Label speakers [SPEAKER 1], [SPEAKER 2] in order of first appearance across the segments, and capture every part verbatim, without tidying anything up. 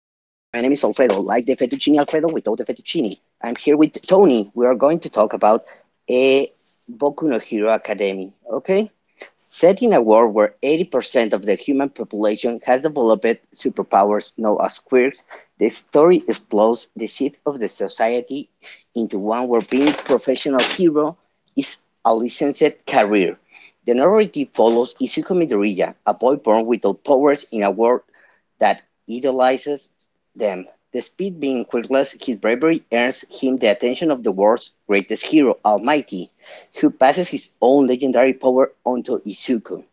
[SPEAKER 1] the fettuccine Alfredo without the fettuccine. I'm here with Tony. We are going to talk about a Boku no Hero Academy, okay? Set in a world where eighty percent of the human population has developed superpowers known as quirks, the story explores the shift of the society into one where being a professional hero is a licensed career. The narrative follows Izuku Midoriya, a boy born without powers in a world that idolizes them. Despite being quirkless, his bravery earns him the attention of the world's greatest hero, Almighty, who passes his own legendary power onto Izuku.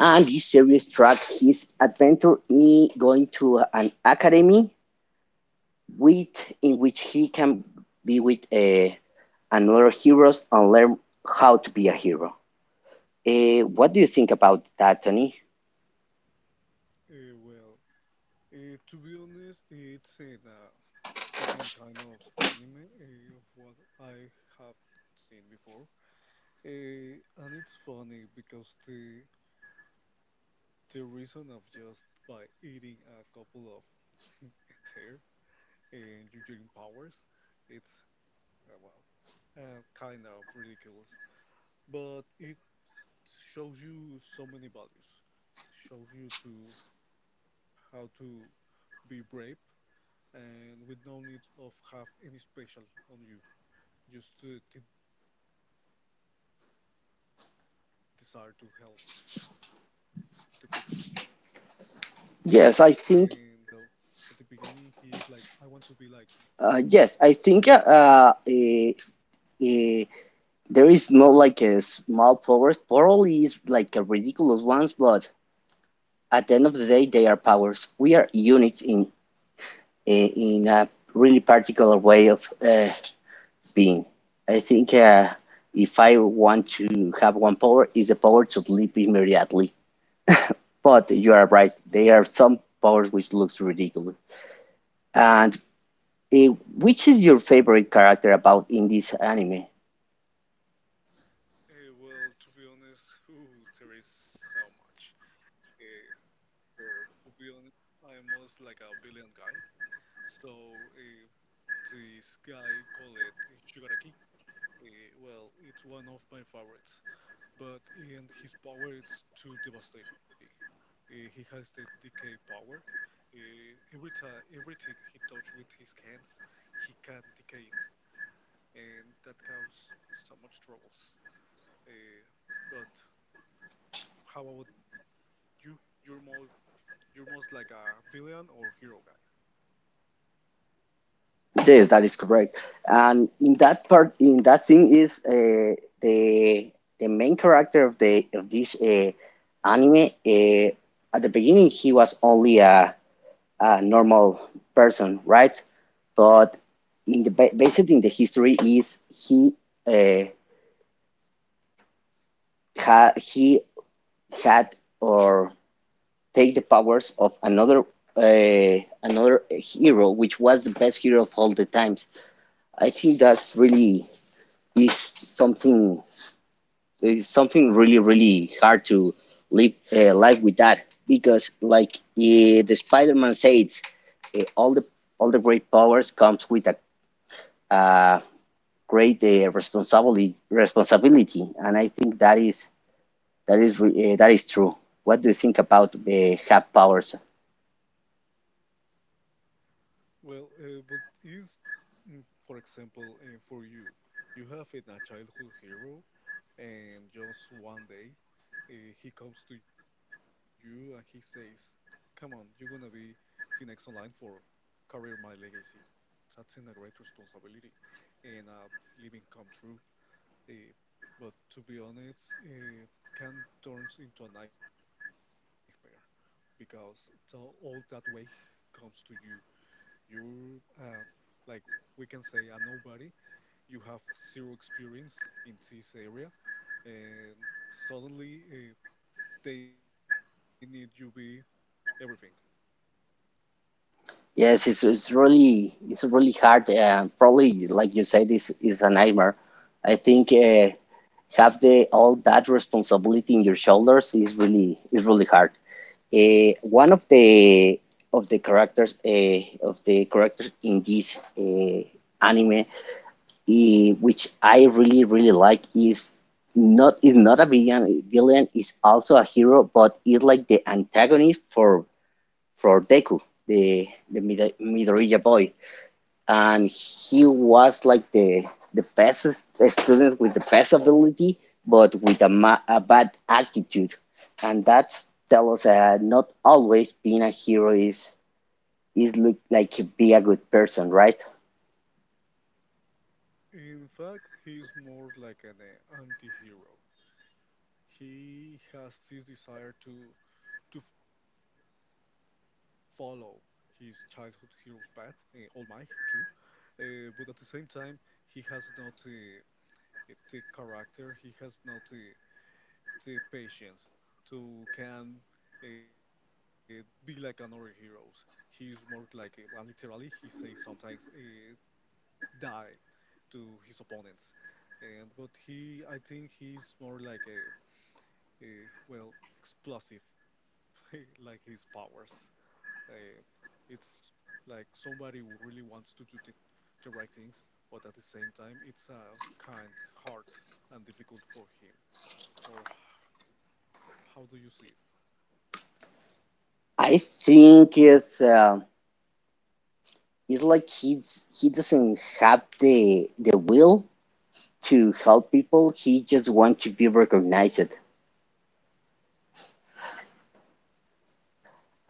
[SPEAKER 1] And this series tracks his adventure in going to an academy with in which he can be with uh, another heroes and learn how to be a hero. Uh, what do you think about that, Tony?
[SPEAKER 2] Uh, well, uh, to be honest, it's in a uh, different kind of anime uh, of what I have seen before, uh, and it's funny because the the reason of just by eating a couple of hair and your dream powers, it's uh, well, uh, kind of ridiculous, but it shows you so many values. Shows you to how to be brave and with no need of have any special on you, just uh, the desire to help the people. And from this crying little boy, uh, well, at the beginning he's like, I
[SPEAKER 1] Yes, I
[SPEAKER 2] want to be
[SPEAKER 1] think.
[SPEAKER 2] like my hero.
[SPEAKER 1] Uh, yes, I think uh, uh, uh, there is not like a small powers. Probably is like a ridiculous ones, but at the end of the day, they are powers. We are units in eh, in a really particular way of uh, being. I think uh, if I want to have one power, is the power to sleep immediately. But you are right. There are some powers which looks ridiculous. And eh, which is your favorite character about in this anime?
[SPEAKER 2] Eh, well, to be honest, ooh, there is so much. Eh, well, to be honest, I am most like a villain guy. So eh, this guy called it Shigaraki. Eh, well, it's one of my favorites. But in his power it's too devastating. Uh, he has the decay power. Uh, every time, everything he touch with his hands, he can decay it, and that causes so much troubles. Uh, but how about you? You're more, you're most like a villain or hero guy.
[SPEAKER 1] Yes, that is correct. And in that part, in that thing is uh, the the main character of the of this uh, anime. Uh, at the beginning, he was only a, a normal person, right? But in the ba- based in the history is he uh, ha, he had or take the powers of another uh, another hero, which was the best hero of all the times. I think that's really is something is something really really hard to live uh, life with that because like eh, the Spider-Man says, uh, all the all the great powers comes with a, a great uh, responsibility responsibility, and I think that is that is re- uh, that is true. What do you think about uh, have powers?
[SPEAKER 2] Well, uh, but is Mm, For example, uh, for you, you have in a childhood hero, and just one day, uh, he comes to you and he says, "Come on, you're gonna be the next online for Career My Legacy." That's in a great responsibility and a living come true. Uh, but to be honest, uh, can turns into a nightmare because the, all that way comes to you you're uh, like we can say a nobody. You have zero experience in this area, and suddenly uh, they need you be everything.
[SPEAKER 1] Yes, it's, it's really it's really hard. Uh, probably like you said, this is a nightmare. I think. Uh, have the all that responsibility in your shoulders is really is really hard. Uh, one of the of the characters uh, of the characters in this uh, anime, eh, which I really really like, is not is not a villain. Villain is also a hero, but is like the antagonist for for Deku, the the Mida- Midoriya boy and he was like the the best student with the best ability, but with a, ma- a bad attitude, and that's tell us uh, not always being a hero is is look like be a good person, right?
[SPEAKER 2] In fact, he's more like an uh, anti-hero. He has this desire to to follow his childhood hero's path, uh, All Might too, uh, but at the same time, he has not uh, the character. He has not uh, the patience to can uh, be like another heroes. He's more like, uh, and literally, he say sometimes uh, die to his opponents, and but he, I think he's more like a, a well explosive, like his powers. Uh, it's like somebody who really wants to do the, the right things, but at the same time, it's a kind heart and difficult for him. Or h- how do you see it?
[SPEAKER 1] I think it's uh, it's like he's he doesn't have the the will to help people. He just wants to be recognized,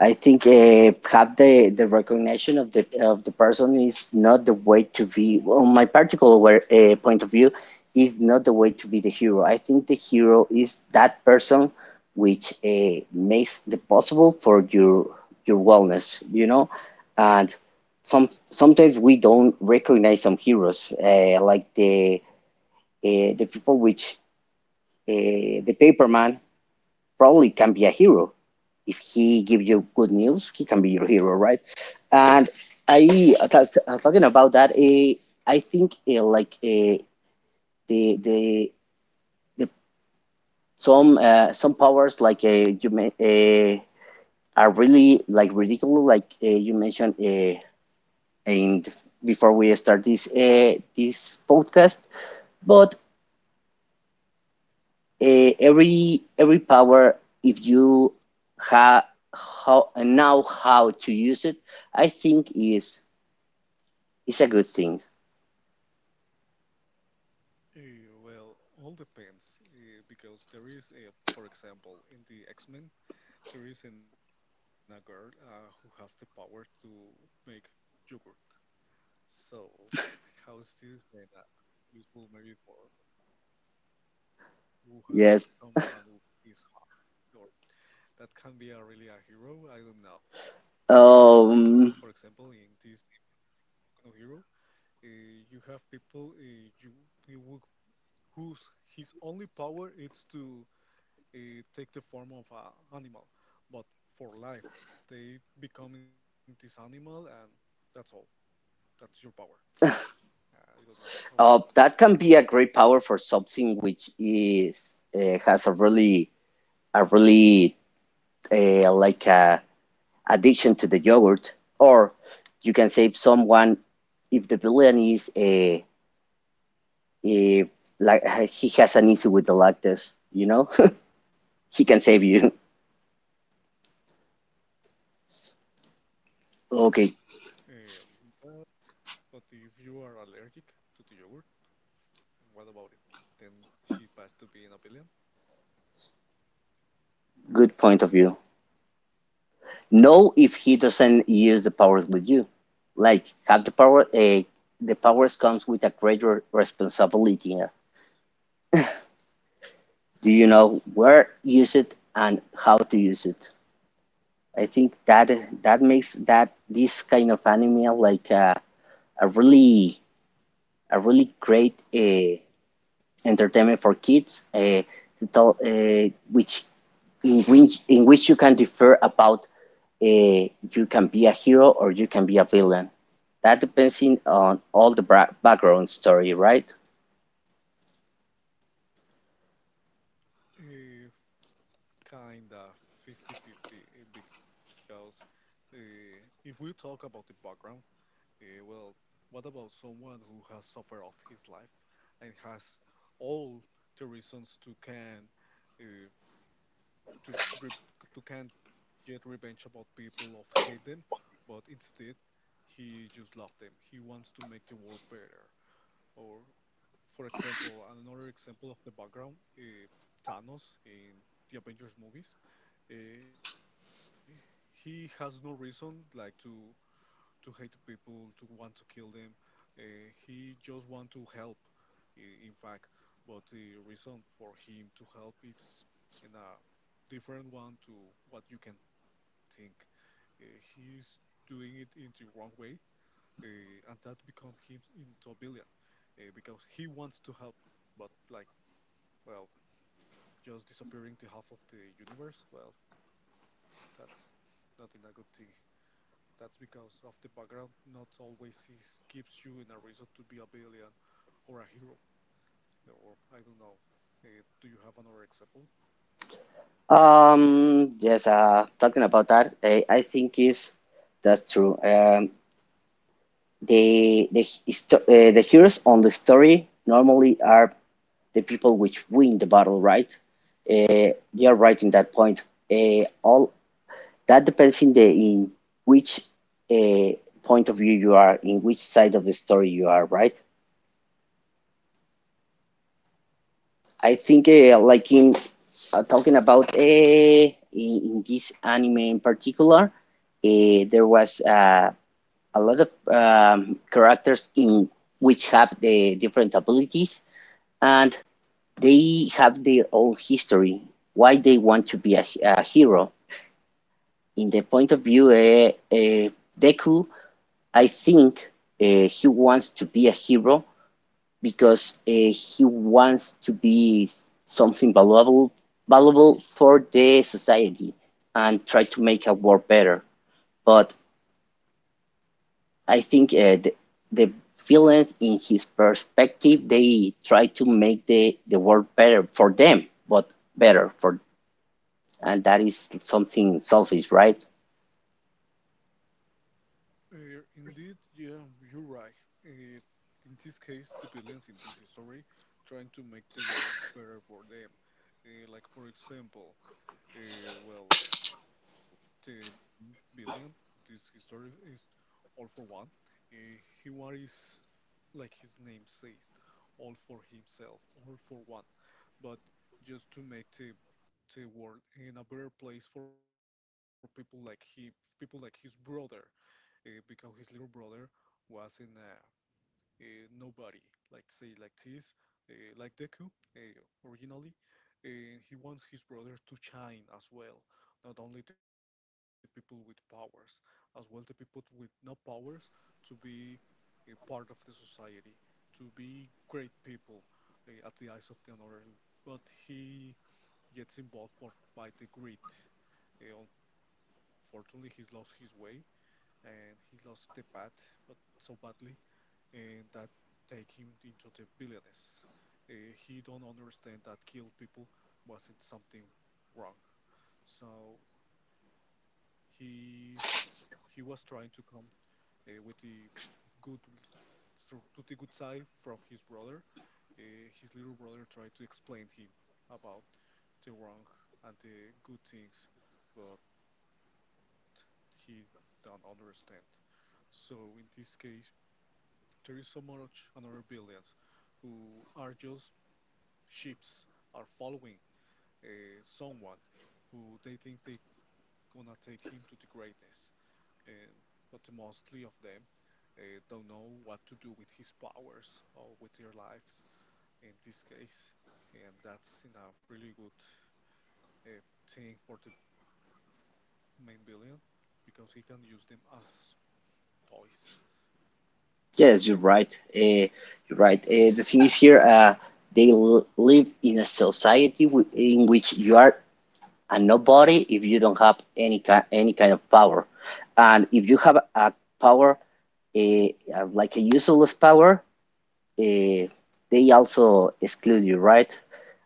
[SPEAKER 1] I think uh, have the, the recognition of the of the person is not the way to be. On my particular where, uh, point of view, is not the way to be the hero. I think the hero is that person which uh, makes the possible for your your wellness. You know, and some sometimes we don't recognize some heroes uh, like the uh, the people which uh, the paperman probably can be a hero. If he gives you good news, he can be your hero, right? And I uh, uh, talking about that, eh, I think eh, like eh, the the the some uh, some powers like uh, you may, uh, are really like ridiculous, like uh, you mentioned uh, in before we start this uh, this podcast. But eh, every every power if you ha how know how to use it, I think is is a good thing.
[SPEAKER 2] Eh, Well, all depends eh, because there is a, for example, in the X-Men, there is an, a girl uh, who has the power to make yogurt. So, how is this then uh, useful maybe for who, how
[SPEAKER 1] Yes.
[SPEAKER 2] someone who is hot or that can be a really a hero? I don't know. Or for example,
[SPEAKER 1] um
[SPEAKER 2] in this Ecno Hero, uh, you have people uh, you you would, whose his only power is to uh, take the form of an animal, but for life, they becoming this animal, and that's all. That's your power. I don't know how.
[SPEAKER 1] uh, that can be a great power for something which is uh, has a really a really uh, like a addiction to the yogurt or you can save someone if the villain is a, a like he has an issue with the lactose, you know, he can save you. Okay,
[SPEAKER 2] Um, but, but if you are allergic to the yogurt, what about it? Then she passed to being a villain.
[SPEAKER 1] good point of view. Know if he doesn't use the powers with you. Like have the power. Uh, the powers comes with a greater responsibility. Do you know where use it and how to use it? I think that that makes that this kind of anime like uh, a really a really great uh, entertainment for kids. Uh, to tell, uh, which in which in which you can differ about uh, you can be a hero or you can be a villain. That depends in, on all the bra- background story, right?
[SPEAKER 2] If kinda fifty-fifty, because uh, if we talk about the background. Eh, well, what about someone who has suffered of his life and has all the reasons to can uh, to re- to can get revenge about people of hate them, but instead he just loves them. He wants to make the world better. Or, for example, another example of the background, uh, Thanos in the Avengers movies. Uh, he has no reason like to to hate people, to want to kill them. Uh, he just want to help, i- in fact. But the reason for him to help it's in a different one to what you can think. Uh, he's doing it in the wrong way, uh, and that become him into a villain uh, because he wants to help, but like, well, just disappearing the half of the universe. Well, that's not in a good thing. That's because of the background not always is, gives you an, a reason to be a villain or a hero, or I don't know. Uh, do you have another example?
[SPEAKER 1] Um, yes. Uh, talking about that, I, I think is that's true. Um, the the histo uh, the heroes on the story normally are the people which win the battle, right? Uh, you're right in that point. Uh, all that depends in the in which uh, point of view you are, in which side of the story you are, right? I think uh, like in uh, talking about uh, in, in this anime in particular, uh, there was uh, a lot of um, characters in which have the different abilities and they have their own history, why they want to be a, a hero. In the point of view, uh, uh, Deku, I think uh, he wants to be a hero because uh, he wants to be something valuable, valuable for the society and try to make a world better. But I think uh, the, the villains, in his perspective, they try to make the, the world better for them, but better for, and that is something selfish, right?
[SPEAKER 2] Uh, indeed, yeah, you're right. Uh, in this case, the villains in this story trying to make the world better for them. Uh, like for example, uh, well, the villain in this story is all for one. Uh, he was like his name says, all for himself, all for one, but just to make the, the world in a better place for people like him, people like his brother, uh, because his little brother was in a uh, nobody, like say like this, uh, like Deku uh, originally, uh, he wants his brother to shine as well, not only the people with powers, as well the people with no powers to be a part of the society, to be great people uh, at the eyes of the another. But he gets involved by, by the greed. Uh, unfortunately, he's lost his way and he lost the path, but so badly and that take him into the villainous. Uh, he don't understand that kill people wasn't something wrong. So he he was trying to come uh, with the good so- to the good side from his brother. Uh, his little brother tried to explain him about the wrong and the good things, but he don't understand. So in this case, there is so much another billions who are just ships are following uh, someone who they think they gonna take him to the greatness and but the mostly of them uh, don't know what to do with his powers or with their lives in this case and that's in a really good uh, thing for the main billion because he can use them as toys.
[SPEAKER 1] Yes, you're right. Uh, you're right. Uh, the thing is here, uh, they l live in a society w in which you are a nobody if you don't have any kind any kind of power, and if you have a power, eh, uh, like a useless power, uh, they also exclude you, right?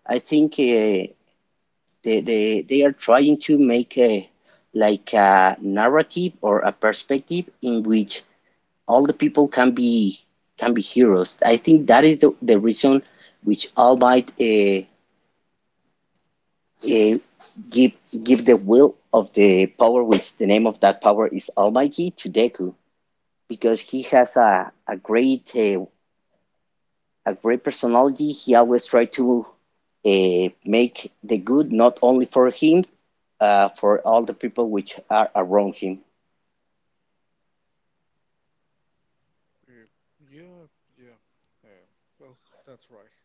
[SPEAKER 1] I think uh, they, they they are trying to make a like a narrative or a perspective in which all the people can be can be heroes. I think that is the, the reason which All Might uh, uh, give give the will of the power, which the name of that power is Almighty, to Deku because he has a a great uh, a great personality. He always try to uh, make the good not only for him, uh, for all the people which are around him.
[SPEAKER 2] uh, yeah, yeah, uh, well that's right.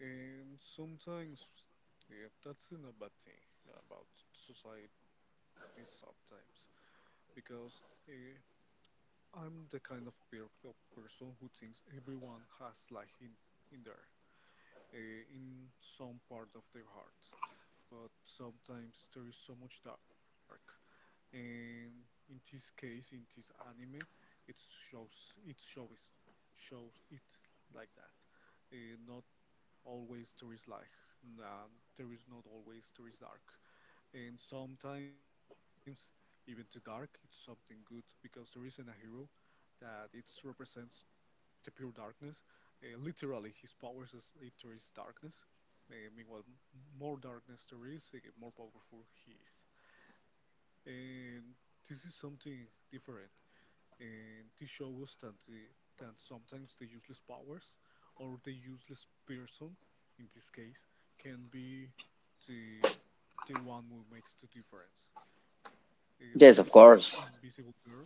[SPEAKER 2] And sometimes, yeah, that's not a bad thing about society sometimes, because uh, I'm the kind of per of person who thinks everyone has like in in there, uh, in some part of their hearts. But sometimes there is so much dark, and in this case, in this anime, it shows it shows shows it like that. Uh, not always there is light. And there is not always there is dark. And sometimes even the dark it's something good because there isn't a hero that it represents the pure darkness. Uh, literally, his powers is it, there is darkness. Uh, meanwhile, more darkness there is, uh, more powerful he is. And this is something different and this shows that the, that sometimes the useless powers or the useless person in this case can be the the one who makes the difference. Uh, there
[SPEAKER 1] Yes, of
[SPEAKER 2] is an um,
[SPEAKER 1] course.
[SPEAKER 2] invisible girl.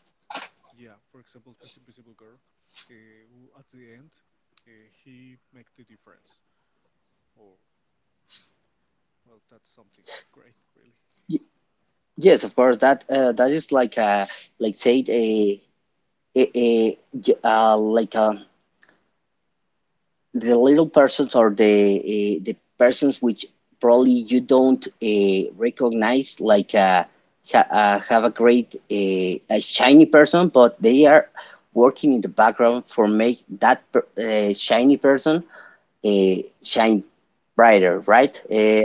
[SPEAKER 2] Yeah, for example, this invisible girl, uh, who at the end uh, he make the difference. Or well, that's something great,
[SPEAKER 1] Y-
[SPEAKER 2] really.
[SPEAKER 1] Yes, of course. That uh, that is like a like say a, j- uh, like a the little persons or the uh, the persons which probably you don't uh, recognize, like uh, ha uh, have a great uh, a shiny person, but they are working in the background for make that per uh, shiny person uh, shine brighter, right? Uh,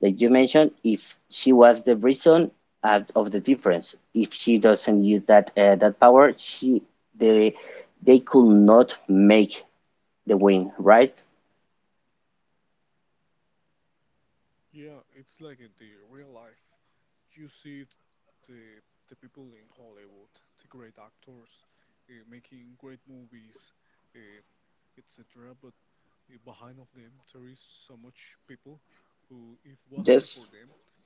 [SPEAKER 1] Like you mentioned, if she was the reason out of the difference, if she doesn't use that uh, that power, she they they could not make the win, right?
[SPEAKER 2] Yeah, it's like in the real life. You see the the people in Hollywood, the great actors, uh, making great movies, uh, et cetera. But uh, behind of them, there is so much people who, if
[SPEAKER 1] Yes,
[SPEAKER 2] wasn't for them,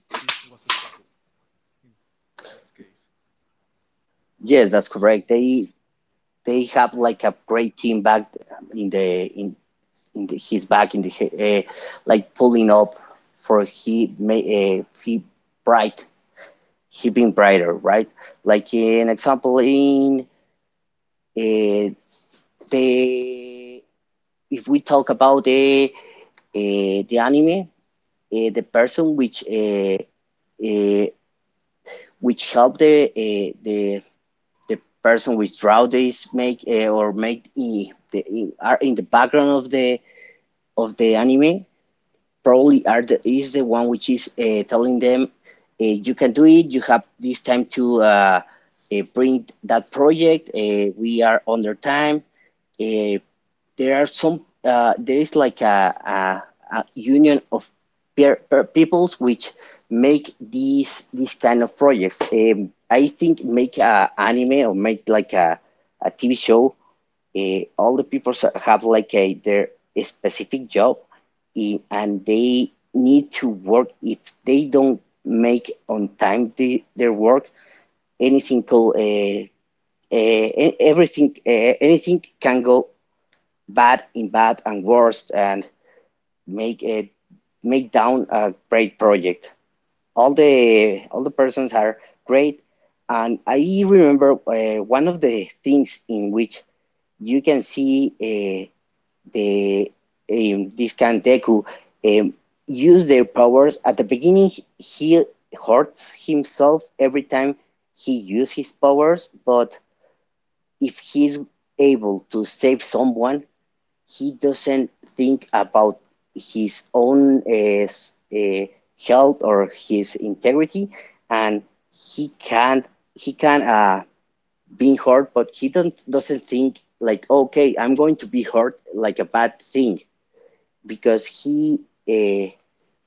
[SPEAKER 2] this wasn't possible in this case.
[SPEAKER 1] yes, that's
[SPEAKER 2] So
[SPEAKER 1] correct. They they have
[SPEAKER 2] yeah,
[SPEAKER 1] like a great team back in the in in the, his back in the uh, like pulling up for he may uh, he bright he being brighter, right? Like an example in. Uh, the if we talk about the uh, the anime, uh, the person which uh, uh, which help the uh, the the person which draw this make uh, or make i- the i- are in the background of the of the anime probably are the, is the one which is uh, telling them uh, you can do it, you have this time to uh, uh, bring that project, uh, we are under time. Uh, There are some. Uh, there is like a, a, a union of peer, uh, peoples which make these these kind of projects. Um, I think make a anime or make like a, a T V show. Uh, all the people have like a their specific job, i- and they need to work. If they don't make on time the, their work, anything called uh, uh, e-, everything uh, anything can go bad in bad and worst and make it make down a great project. All the all the persons are great, and I remember uh, one of the things in which you can see uh, the um, this Kandeku um, use their powers. At the beginning, he hurts himself every time he uses his powers, but if he's able to save someone, he doesn't think about his own uh, s- uh, health or his integrity, and he can't he can uh, be hurt, but he don't doesn't think like okay, I'm going to be hurt like a bad thing because he uh,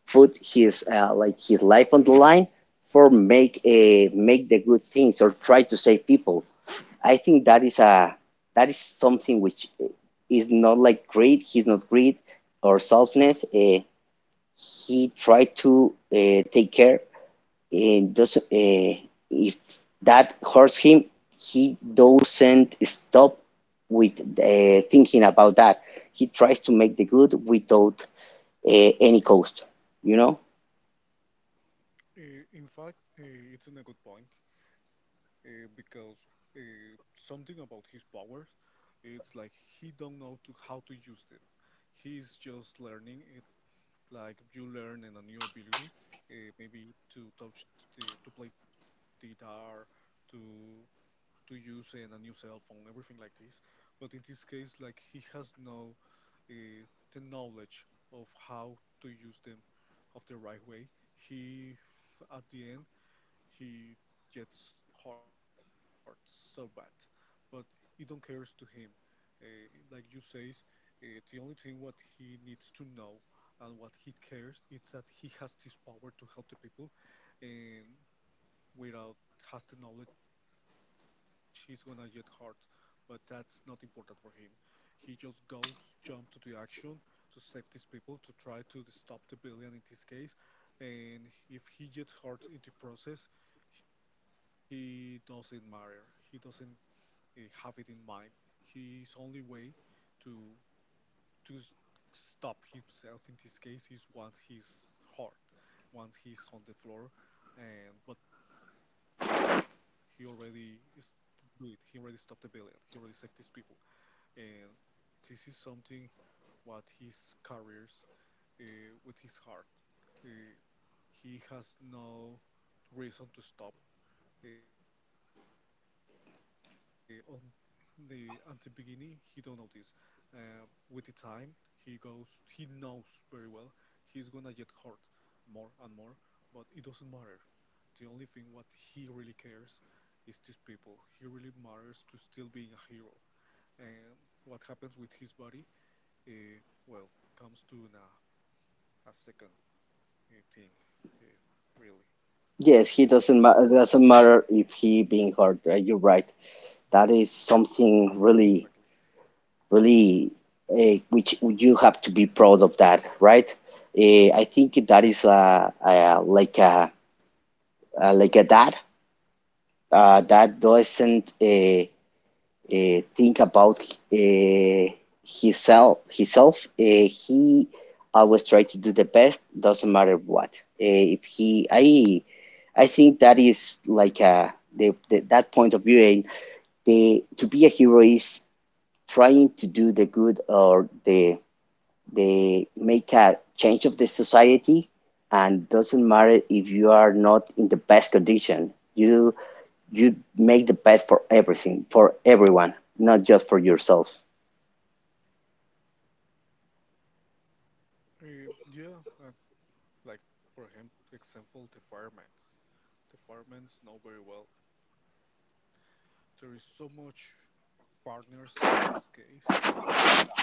[SPEAKER 1] put his uh, like his life on the line for make a uh, make the good things or try to save people. I think that is a that is something which is not like greed. He's not greed or selfness. Uh, he tried to uh, take care, and doesn't. Uh, if that hurts him, he doesn't stop with uh, thinking about that. He tries to make the good without uh, any cost. You know.
[SPEAKER 2] uh, in fact, uh, it's a good point. Uh, because uh, something about his powers it's like he don't know to how to use them. He's just learning it like you learn in a new ability, uh, maybe to touch the to play the guitar to to use in a new cell phone everything like this but in this case like he has no uh, the knowledge of how to use them of the right way. he f- at the end he gets hurt so bad, but it don't cares to him. Uh, like you says, uh, the only thing what he needs to know and what he cares is that he has this power to help the people, and without has the knowledge he's gonna get hurt, but that's not important for him. He just goes, jump to the action to save these people, to try to d- stop the billion in this case, and if he gets hurt in the process, he doesn't matter. He doesn't uh, have it in mind. His only way to to s- stop himself in this case is when he's hurt, when he's on the floor, and but he already is do it. He already stopped the villain. He already saved these people, and this is something what his carries uh, with his heart. Uh, he has no reason to stop uh, on the at the beginning, he don't know this. Uh, with the time, he goes. He knows very well he's gonna get hurt more and more, but it doesn't matter. The only thing what he really cares is these people. He really matters to still being a hero. And what happens with his body, uh, well, comes to an, uh, a second uh, thing, uh, really.
[SPEAKER 1] Yes, he
[SPEAKER 2] And
[SPEAKER 1] doesn't. Ma-
[SPEAKER 2] that's
[SPEAKER 1] doesn't matter if he being hurt. Right?
[SPEAKER 2] yeah,
[SPEAKER 1] You're right. That is
[SPEAKER 2] exactly.
[SPEAKER 1] something really really uh, which you have to be proud of that, right? uh, I think that is uh, uh, like a uh, like a dad uh, that doesn't uh, uh, think about uh, himself himself uh, He always try to do the best, doesn't matter what, uh, if he I I think that is like a the, the, that point of view, and the to be a hero is trying to do the good, or the they make a change of the society, and doesn't matter if you are not in the best condition. You you make the best for everything, for everyone, not just for yourself.
[SPEAKER 2] Uh, yeah, and like, for him, example, the firemen's. The firemen's know very well. There is so much partners in this case has died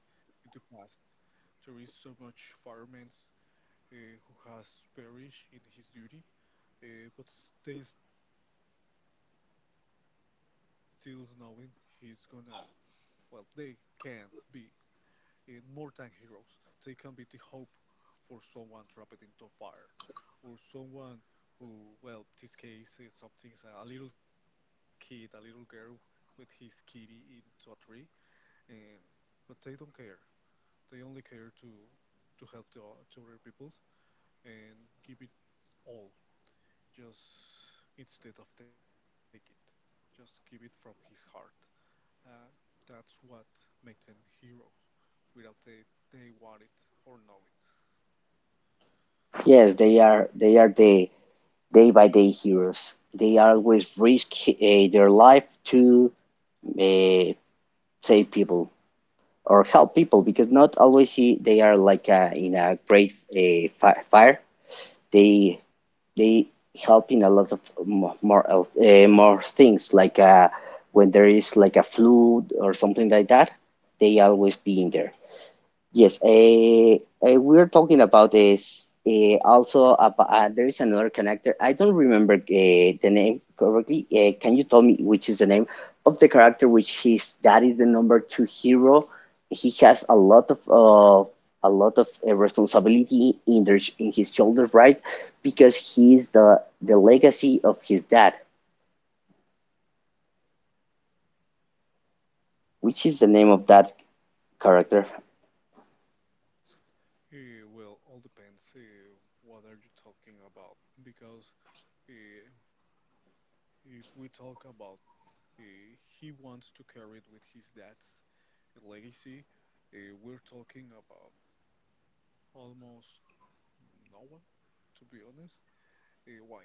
[SPEAKER 2] in the past. There is so much firemen uh, who has perished in his duty, uh, but they still knowing he's gonna. Well, they can be uh, more than heroes. They can be the hope for someone trapped into fire, or someone who, well, this case is something's a, a little kid, a little girl with his kitty into a tree, and but they don't care. They only care to to help the o- to other people and give it all, just instead of take it, just give it from his heart. Uh, that's what makes them heroes, without they they want it or know it.
[SPEAKER 1] Yes, they are, they are the day by day heroes. They always risk uh, their life to uh, save people or help people, because not always they are like uh, in a great uh, fire. They they help in a lot of mo- more health- uh, more things, like uh, when there is like a flu or something like that. They always be in there. Yes, eh, eh, we're talking about is, eh, also about, uh, there is another connector. I don't remember eh, the name correctly. Eh, can you tell me which is the name of the character which his that is the number two hero? He has a lot of uh, a lot of eh, responsibility in their, in his shoulders, right? Because he is the the legacy of his dad. Which is the name of that character?
[SPEAKER 2] It will all depends uh, what are you talking about because uh, if we talk about uh, he wants to carry it with his dad's legacy, uh, we're talking about almost no one, to be honest. Uh, why?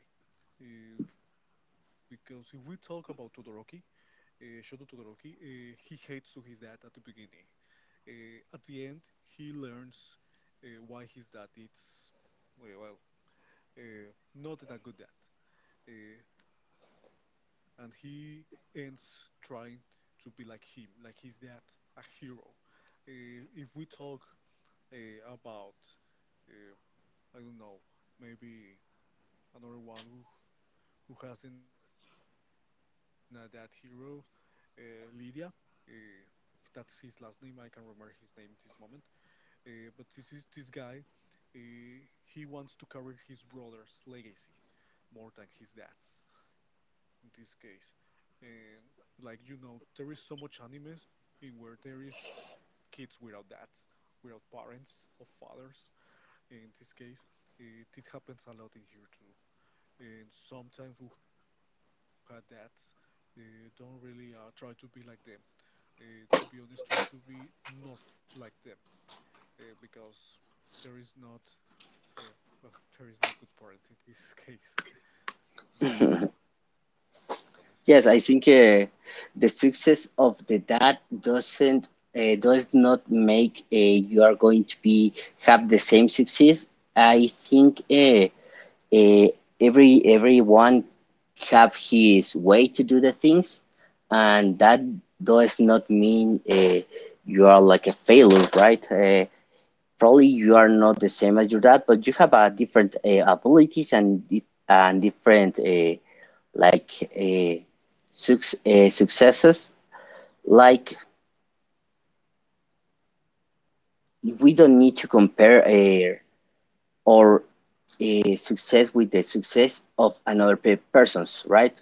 [SPEAKER 2] Uh, because if we talk about Todoroki, uh, Shoto Todoroki, uh, he hates to his dad at the beginning. Uh, at the end, he learns uh, why his dad is well, well, uh, not in a good dad. Uh, and he ends trying to be like him, like his dad, a hero. Uh, if we talk uh, about, uh, I don't know, maybe another one who, who hasn't a dad hero, uh, Lydia. Uh, that's his last name. I can't remember his name at this moment. Uh, but this is this guy. Uh, he wants to carry his brother's legacy more than his dad's in this case. And like you know, there is so much animes in where there is kids without dads, without parents or fathers. In this case, it, it happens a lot in here too. And sometimes who had dads uh, don't really uh, try to be like them. Uh, to be honest, try to be not like them uh, because there is not yeah, well, there is not good parents in this case, not to be honest.
[SPEAKER 1] Yes, I think uh, the success of the dad doesn't uh, does not make uh, you are going to be have the same success. I think uh, uh, every everyone have his way to do the things, and that does not mean uh, you are like a failure, right? Uh, probably you are not the same as your dad, but you have uh, different uh, abilities and dif- and different. Uh, like uh, suc- uh, successes. Like we don't need to compare uh, our uh, success with the success of another pe- persons, right?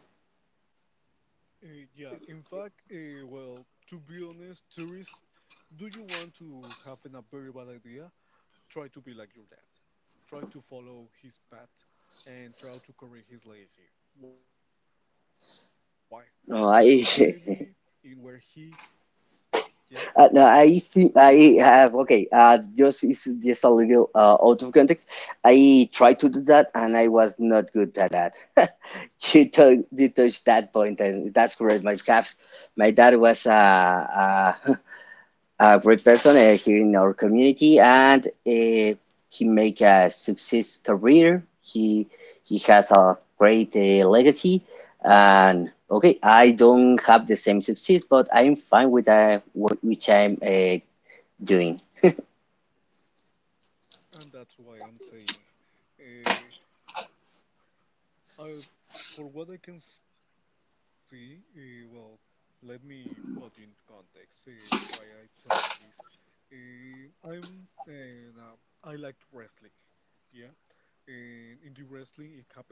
[SPEAKER 2] Uh, yeah, in fact, uh, well, to be honest, tourists, do you want to have an, a very bad idea? Try to be like your dad. Try to follow his path and try to correct his legacy. Why? Because maybe
[SPEAKER 1] No,
[SPEAKER 2] in
[SPEAKER 1] I,
[SPEAKER 2] where he, yeah,
[SPEAKER 1] uh, no,
[SPEAKER 2] tell
[SPEAKER 1] I
[SPEAKER 2] me.
[SPEAKER 1] think I have, okay. Uh, just it's just a little uh, out of context. I tried to do that and I was not good at that. You, tou you touched that point, and that's correct. My perhaps my dad was a, a great person uh, here in our community, and uh, he make a success career. He he has a great uh, legacy, and okay, I don't have the same success, but I'm fine with uh, what which I'm uh, doing.
[SPEAKER 2] And that's why I'm saying, uh, Uh, for what I can see, uh, well, let me put you in context uh, why I'm telling this. Uh, I'm and uh, I liked wrestling, yeah. And in the wrestling, it happens a lot.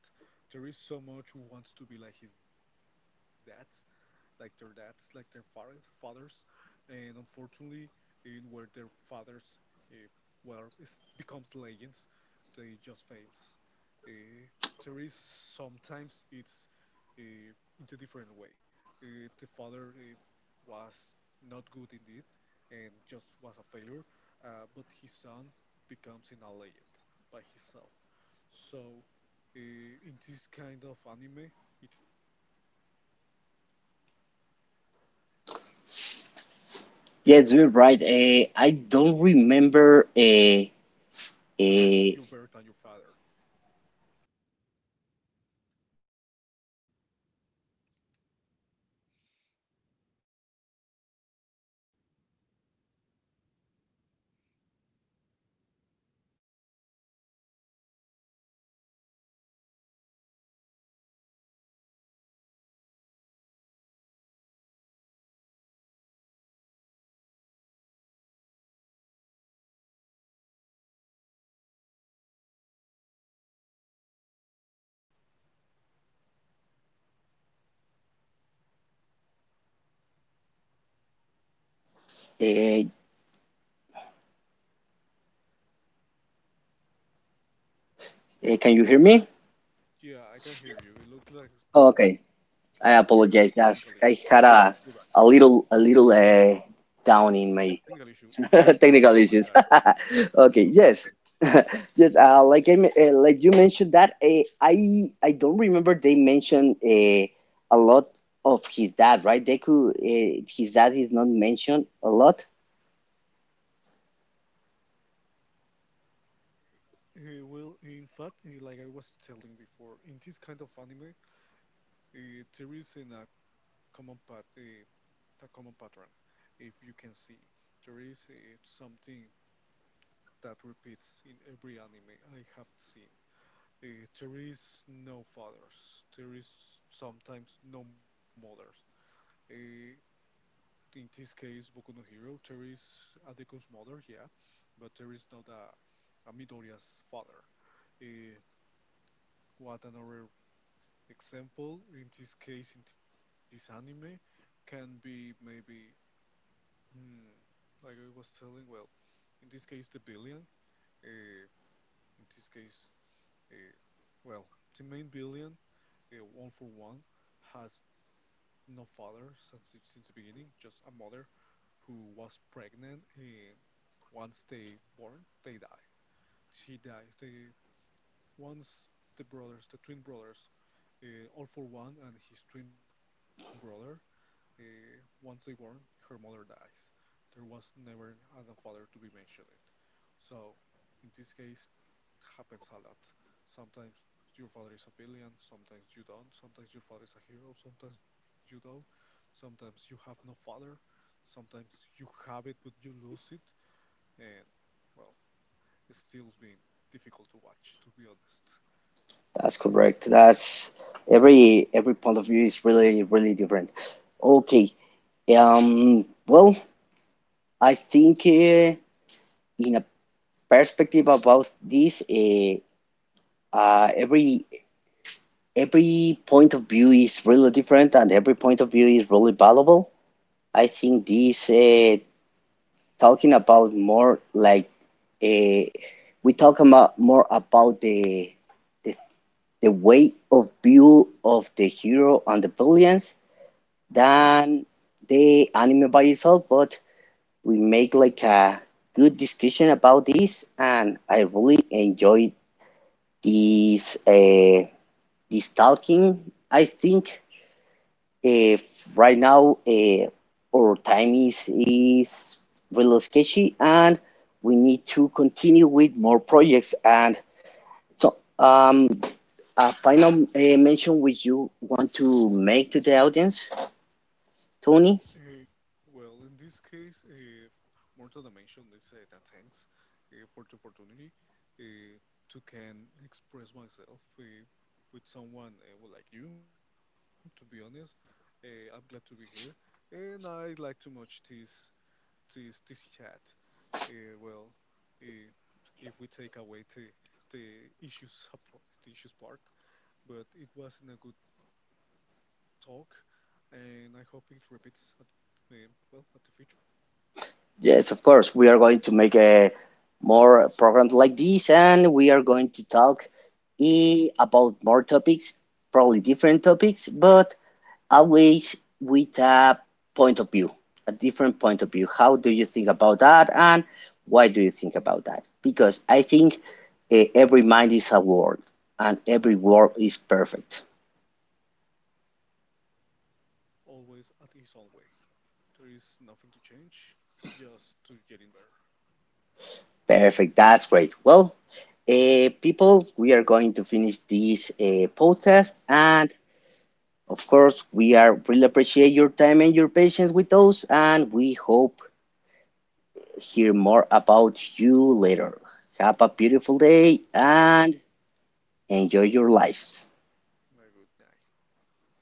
[SPEAKER 2] There is so much who wants to be like his dads, like their dads, like their fathers, fathers, and unfortunately, in where their fathers, uh, well, it becomes legends, they just fails. Uh, there is sometimes it's uh, in a different way. Uh, the father uh, was not good in it and just was a failure, uh, but his son becomes an alien by himself. So uh, in this kind of anime, it happens the same. Uh, Sometimes you're better than your
[SPEAKER 1] Yes,
[SPEAKER 2] father.
[SPEAKER 1] you're right. Uh,
[SPEAKER 2] Sometimes,
[SPEAKER 1] I don't remember. Uh, uh, I You're right. I don't remember here a lot about the Deku Dad. In fact, he is not mentioned during a long time in the series, right? Uh, uh, can you hear me?
[SPEAKER 2] yeah, I can hear you. It
[SPEAKER 1] Oh,
[SPEAKER 2] looks
[SPEAKER 1] okay,
[SPEAKER 2] like like
[SPEAKER 1] I
[SPEAKER 2] we have
[SPEAKER 1] apologize.
[SPEAKER 2] technical
[SPEAKER 1] That's,
[SPEAKER 2] issues,
[SPEAKER 1] I
[SPEAKER 2] but
[SPEAKER 1] had
[SPEAKER 2] we're
[SPEAKER 1] a,
[SPEAKER 2] back.
[SPEAKER 1] a little a little uh, down in my
[SPEAKER 2] Technical issue. No,
[SPEAKER 1] technical
[SPEAKER 2] no problem.
[SPEAKER 1] issues.
[SPEAKER 2] I got it.
[SPEAKER 1] Okay, yes,
[SPEAKER 2] Something happens.
[SPEAKER 1] yes. Uh, like I, me- uh,
[SPEAKER 2] Yeah.
[SPEAKER 1] like you mentioned that uh, I I don't remember they mentioned uh, a lot of his dad, right? Deku, uh, his dad is not mentioned a lot.
[SPEAKER 2] Uh, well, in fact, uh, like I was telling before, in this kind of anime, uh, there is in a common pat, uh, a common pattern. If you can see, there is uh, something that repeats in every anime I have seen. Uh, there is no fathers. There is sometimes no mothers. Uh, in this case, Boku no Hero, there is Adeko's mother, yeah, but there is not a uh, Midoriya's father. Uh, what another example in this case in this anime can be maybe hmm, like I was telling. Well, in this case the billion. Uh, in this case, uh, well, the main billion, uh, one for one, has no father since the, since the beginning. Just a mother who was pregnant. Uh, once they born, they die. She dies. They once the brothers, the twin brothers, Uh, All for One and his twin brother. Uh, once they born, her mother dies. There was never an a father to be mentioned. So, in this case, happens a lot. Sometimes your father is a villain, sometimes you don't. Sometimes your father is a hero, sometimes you don't. Sometimes you have no father. Sometimes you have it but you lose it. And, well, it still's been difficult to watch, to be honest.
[SPEAKER 1] That's correct. That's every every point of view is really really different. Okay. Um. Well, I think uh, in a perspective about this, uh, uh, every every point of view is really different, and every point of view is really valuable. I think this uh, talking about more like uh, we talk about more about the the the way of view of the hero and the villains than the anime by itself, but we make like a good discussion about this, and I really enjoyed this uh, this talking. I think if right now uh, our time is is really sketchy, and we need to continue with more projects. And so, um, a final uh, mention which you want to make to the audience, Tony?
[SPEAKER 2] Uh, well, in this case, uh, Mortal Dimension is uh, that thanks uh, for the opportunity uh, to can express myself uh, with someone uh, well, like you. To be honest, uh, I'm glad to be here, and I like too much this this this chat. Uh, well, uh, if we take away the the issues support, the issues part, but it wasn't a good talk, and I hope it repeats at uh, well at the future.
[SPEAKER 1] Yes, of course. We are going to make a more programs like this, and we are going to talk, eh, about more topics, probably different topics, but always with a point of view, a different point of view. How do you think about that, and why do you think about that? Because I think, eh, every mind is a world, and every world is perfect.
[SPEAKER 2] Always at his own way. There is nothing to change, just to getting better.
[SPEAKER 1] Perfect. That's great. Well, uh, people, we are going to finish this uh, podcast, and of course, we are really appreciate your time and your patience with us, and we hope hear more about you later. Have a beautiful day and enjoy your lives.
[SPEAKER 2] Have a good night. Bye bye.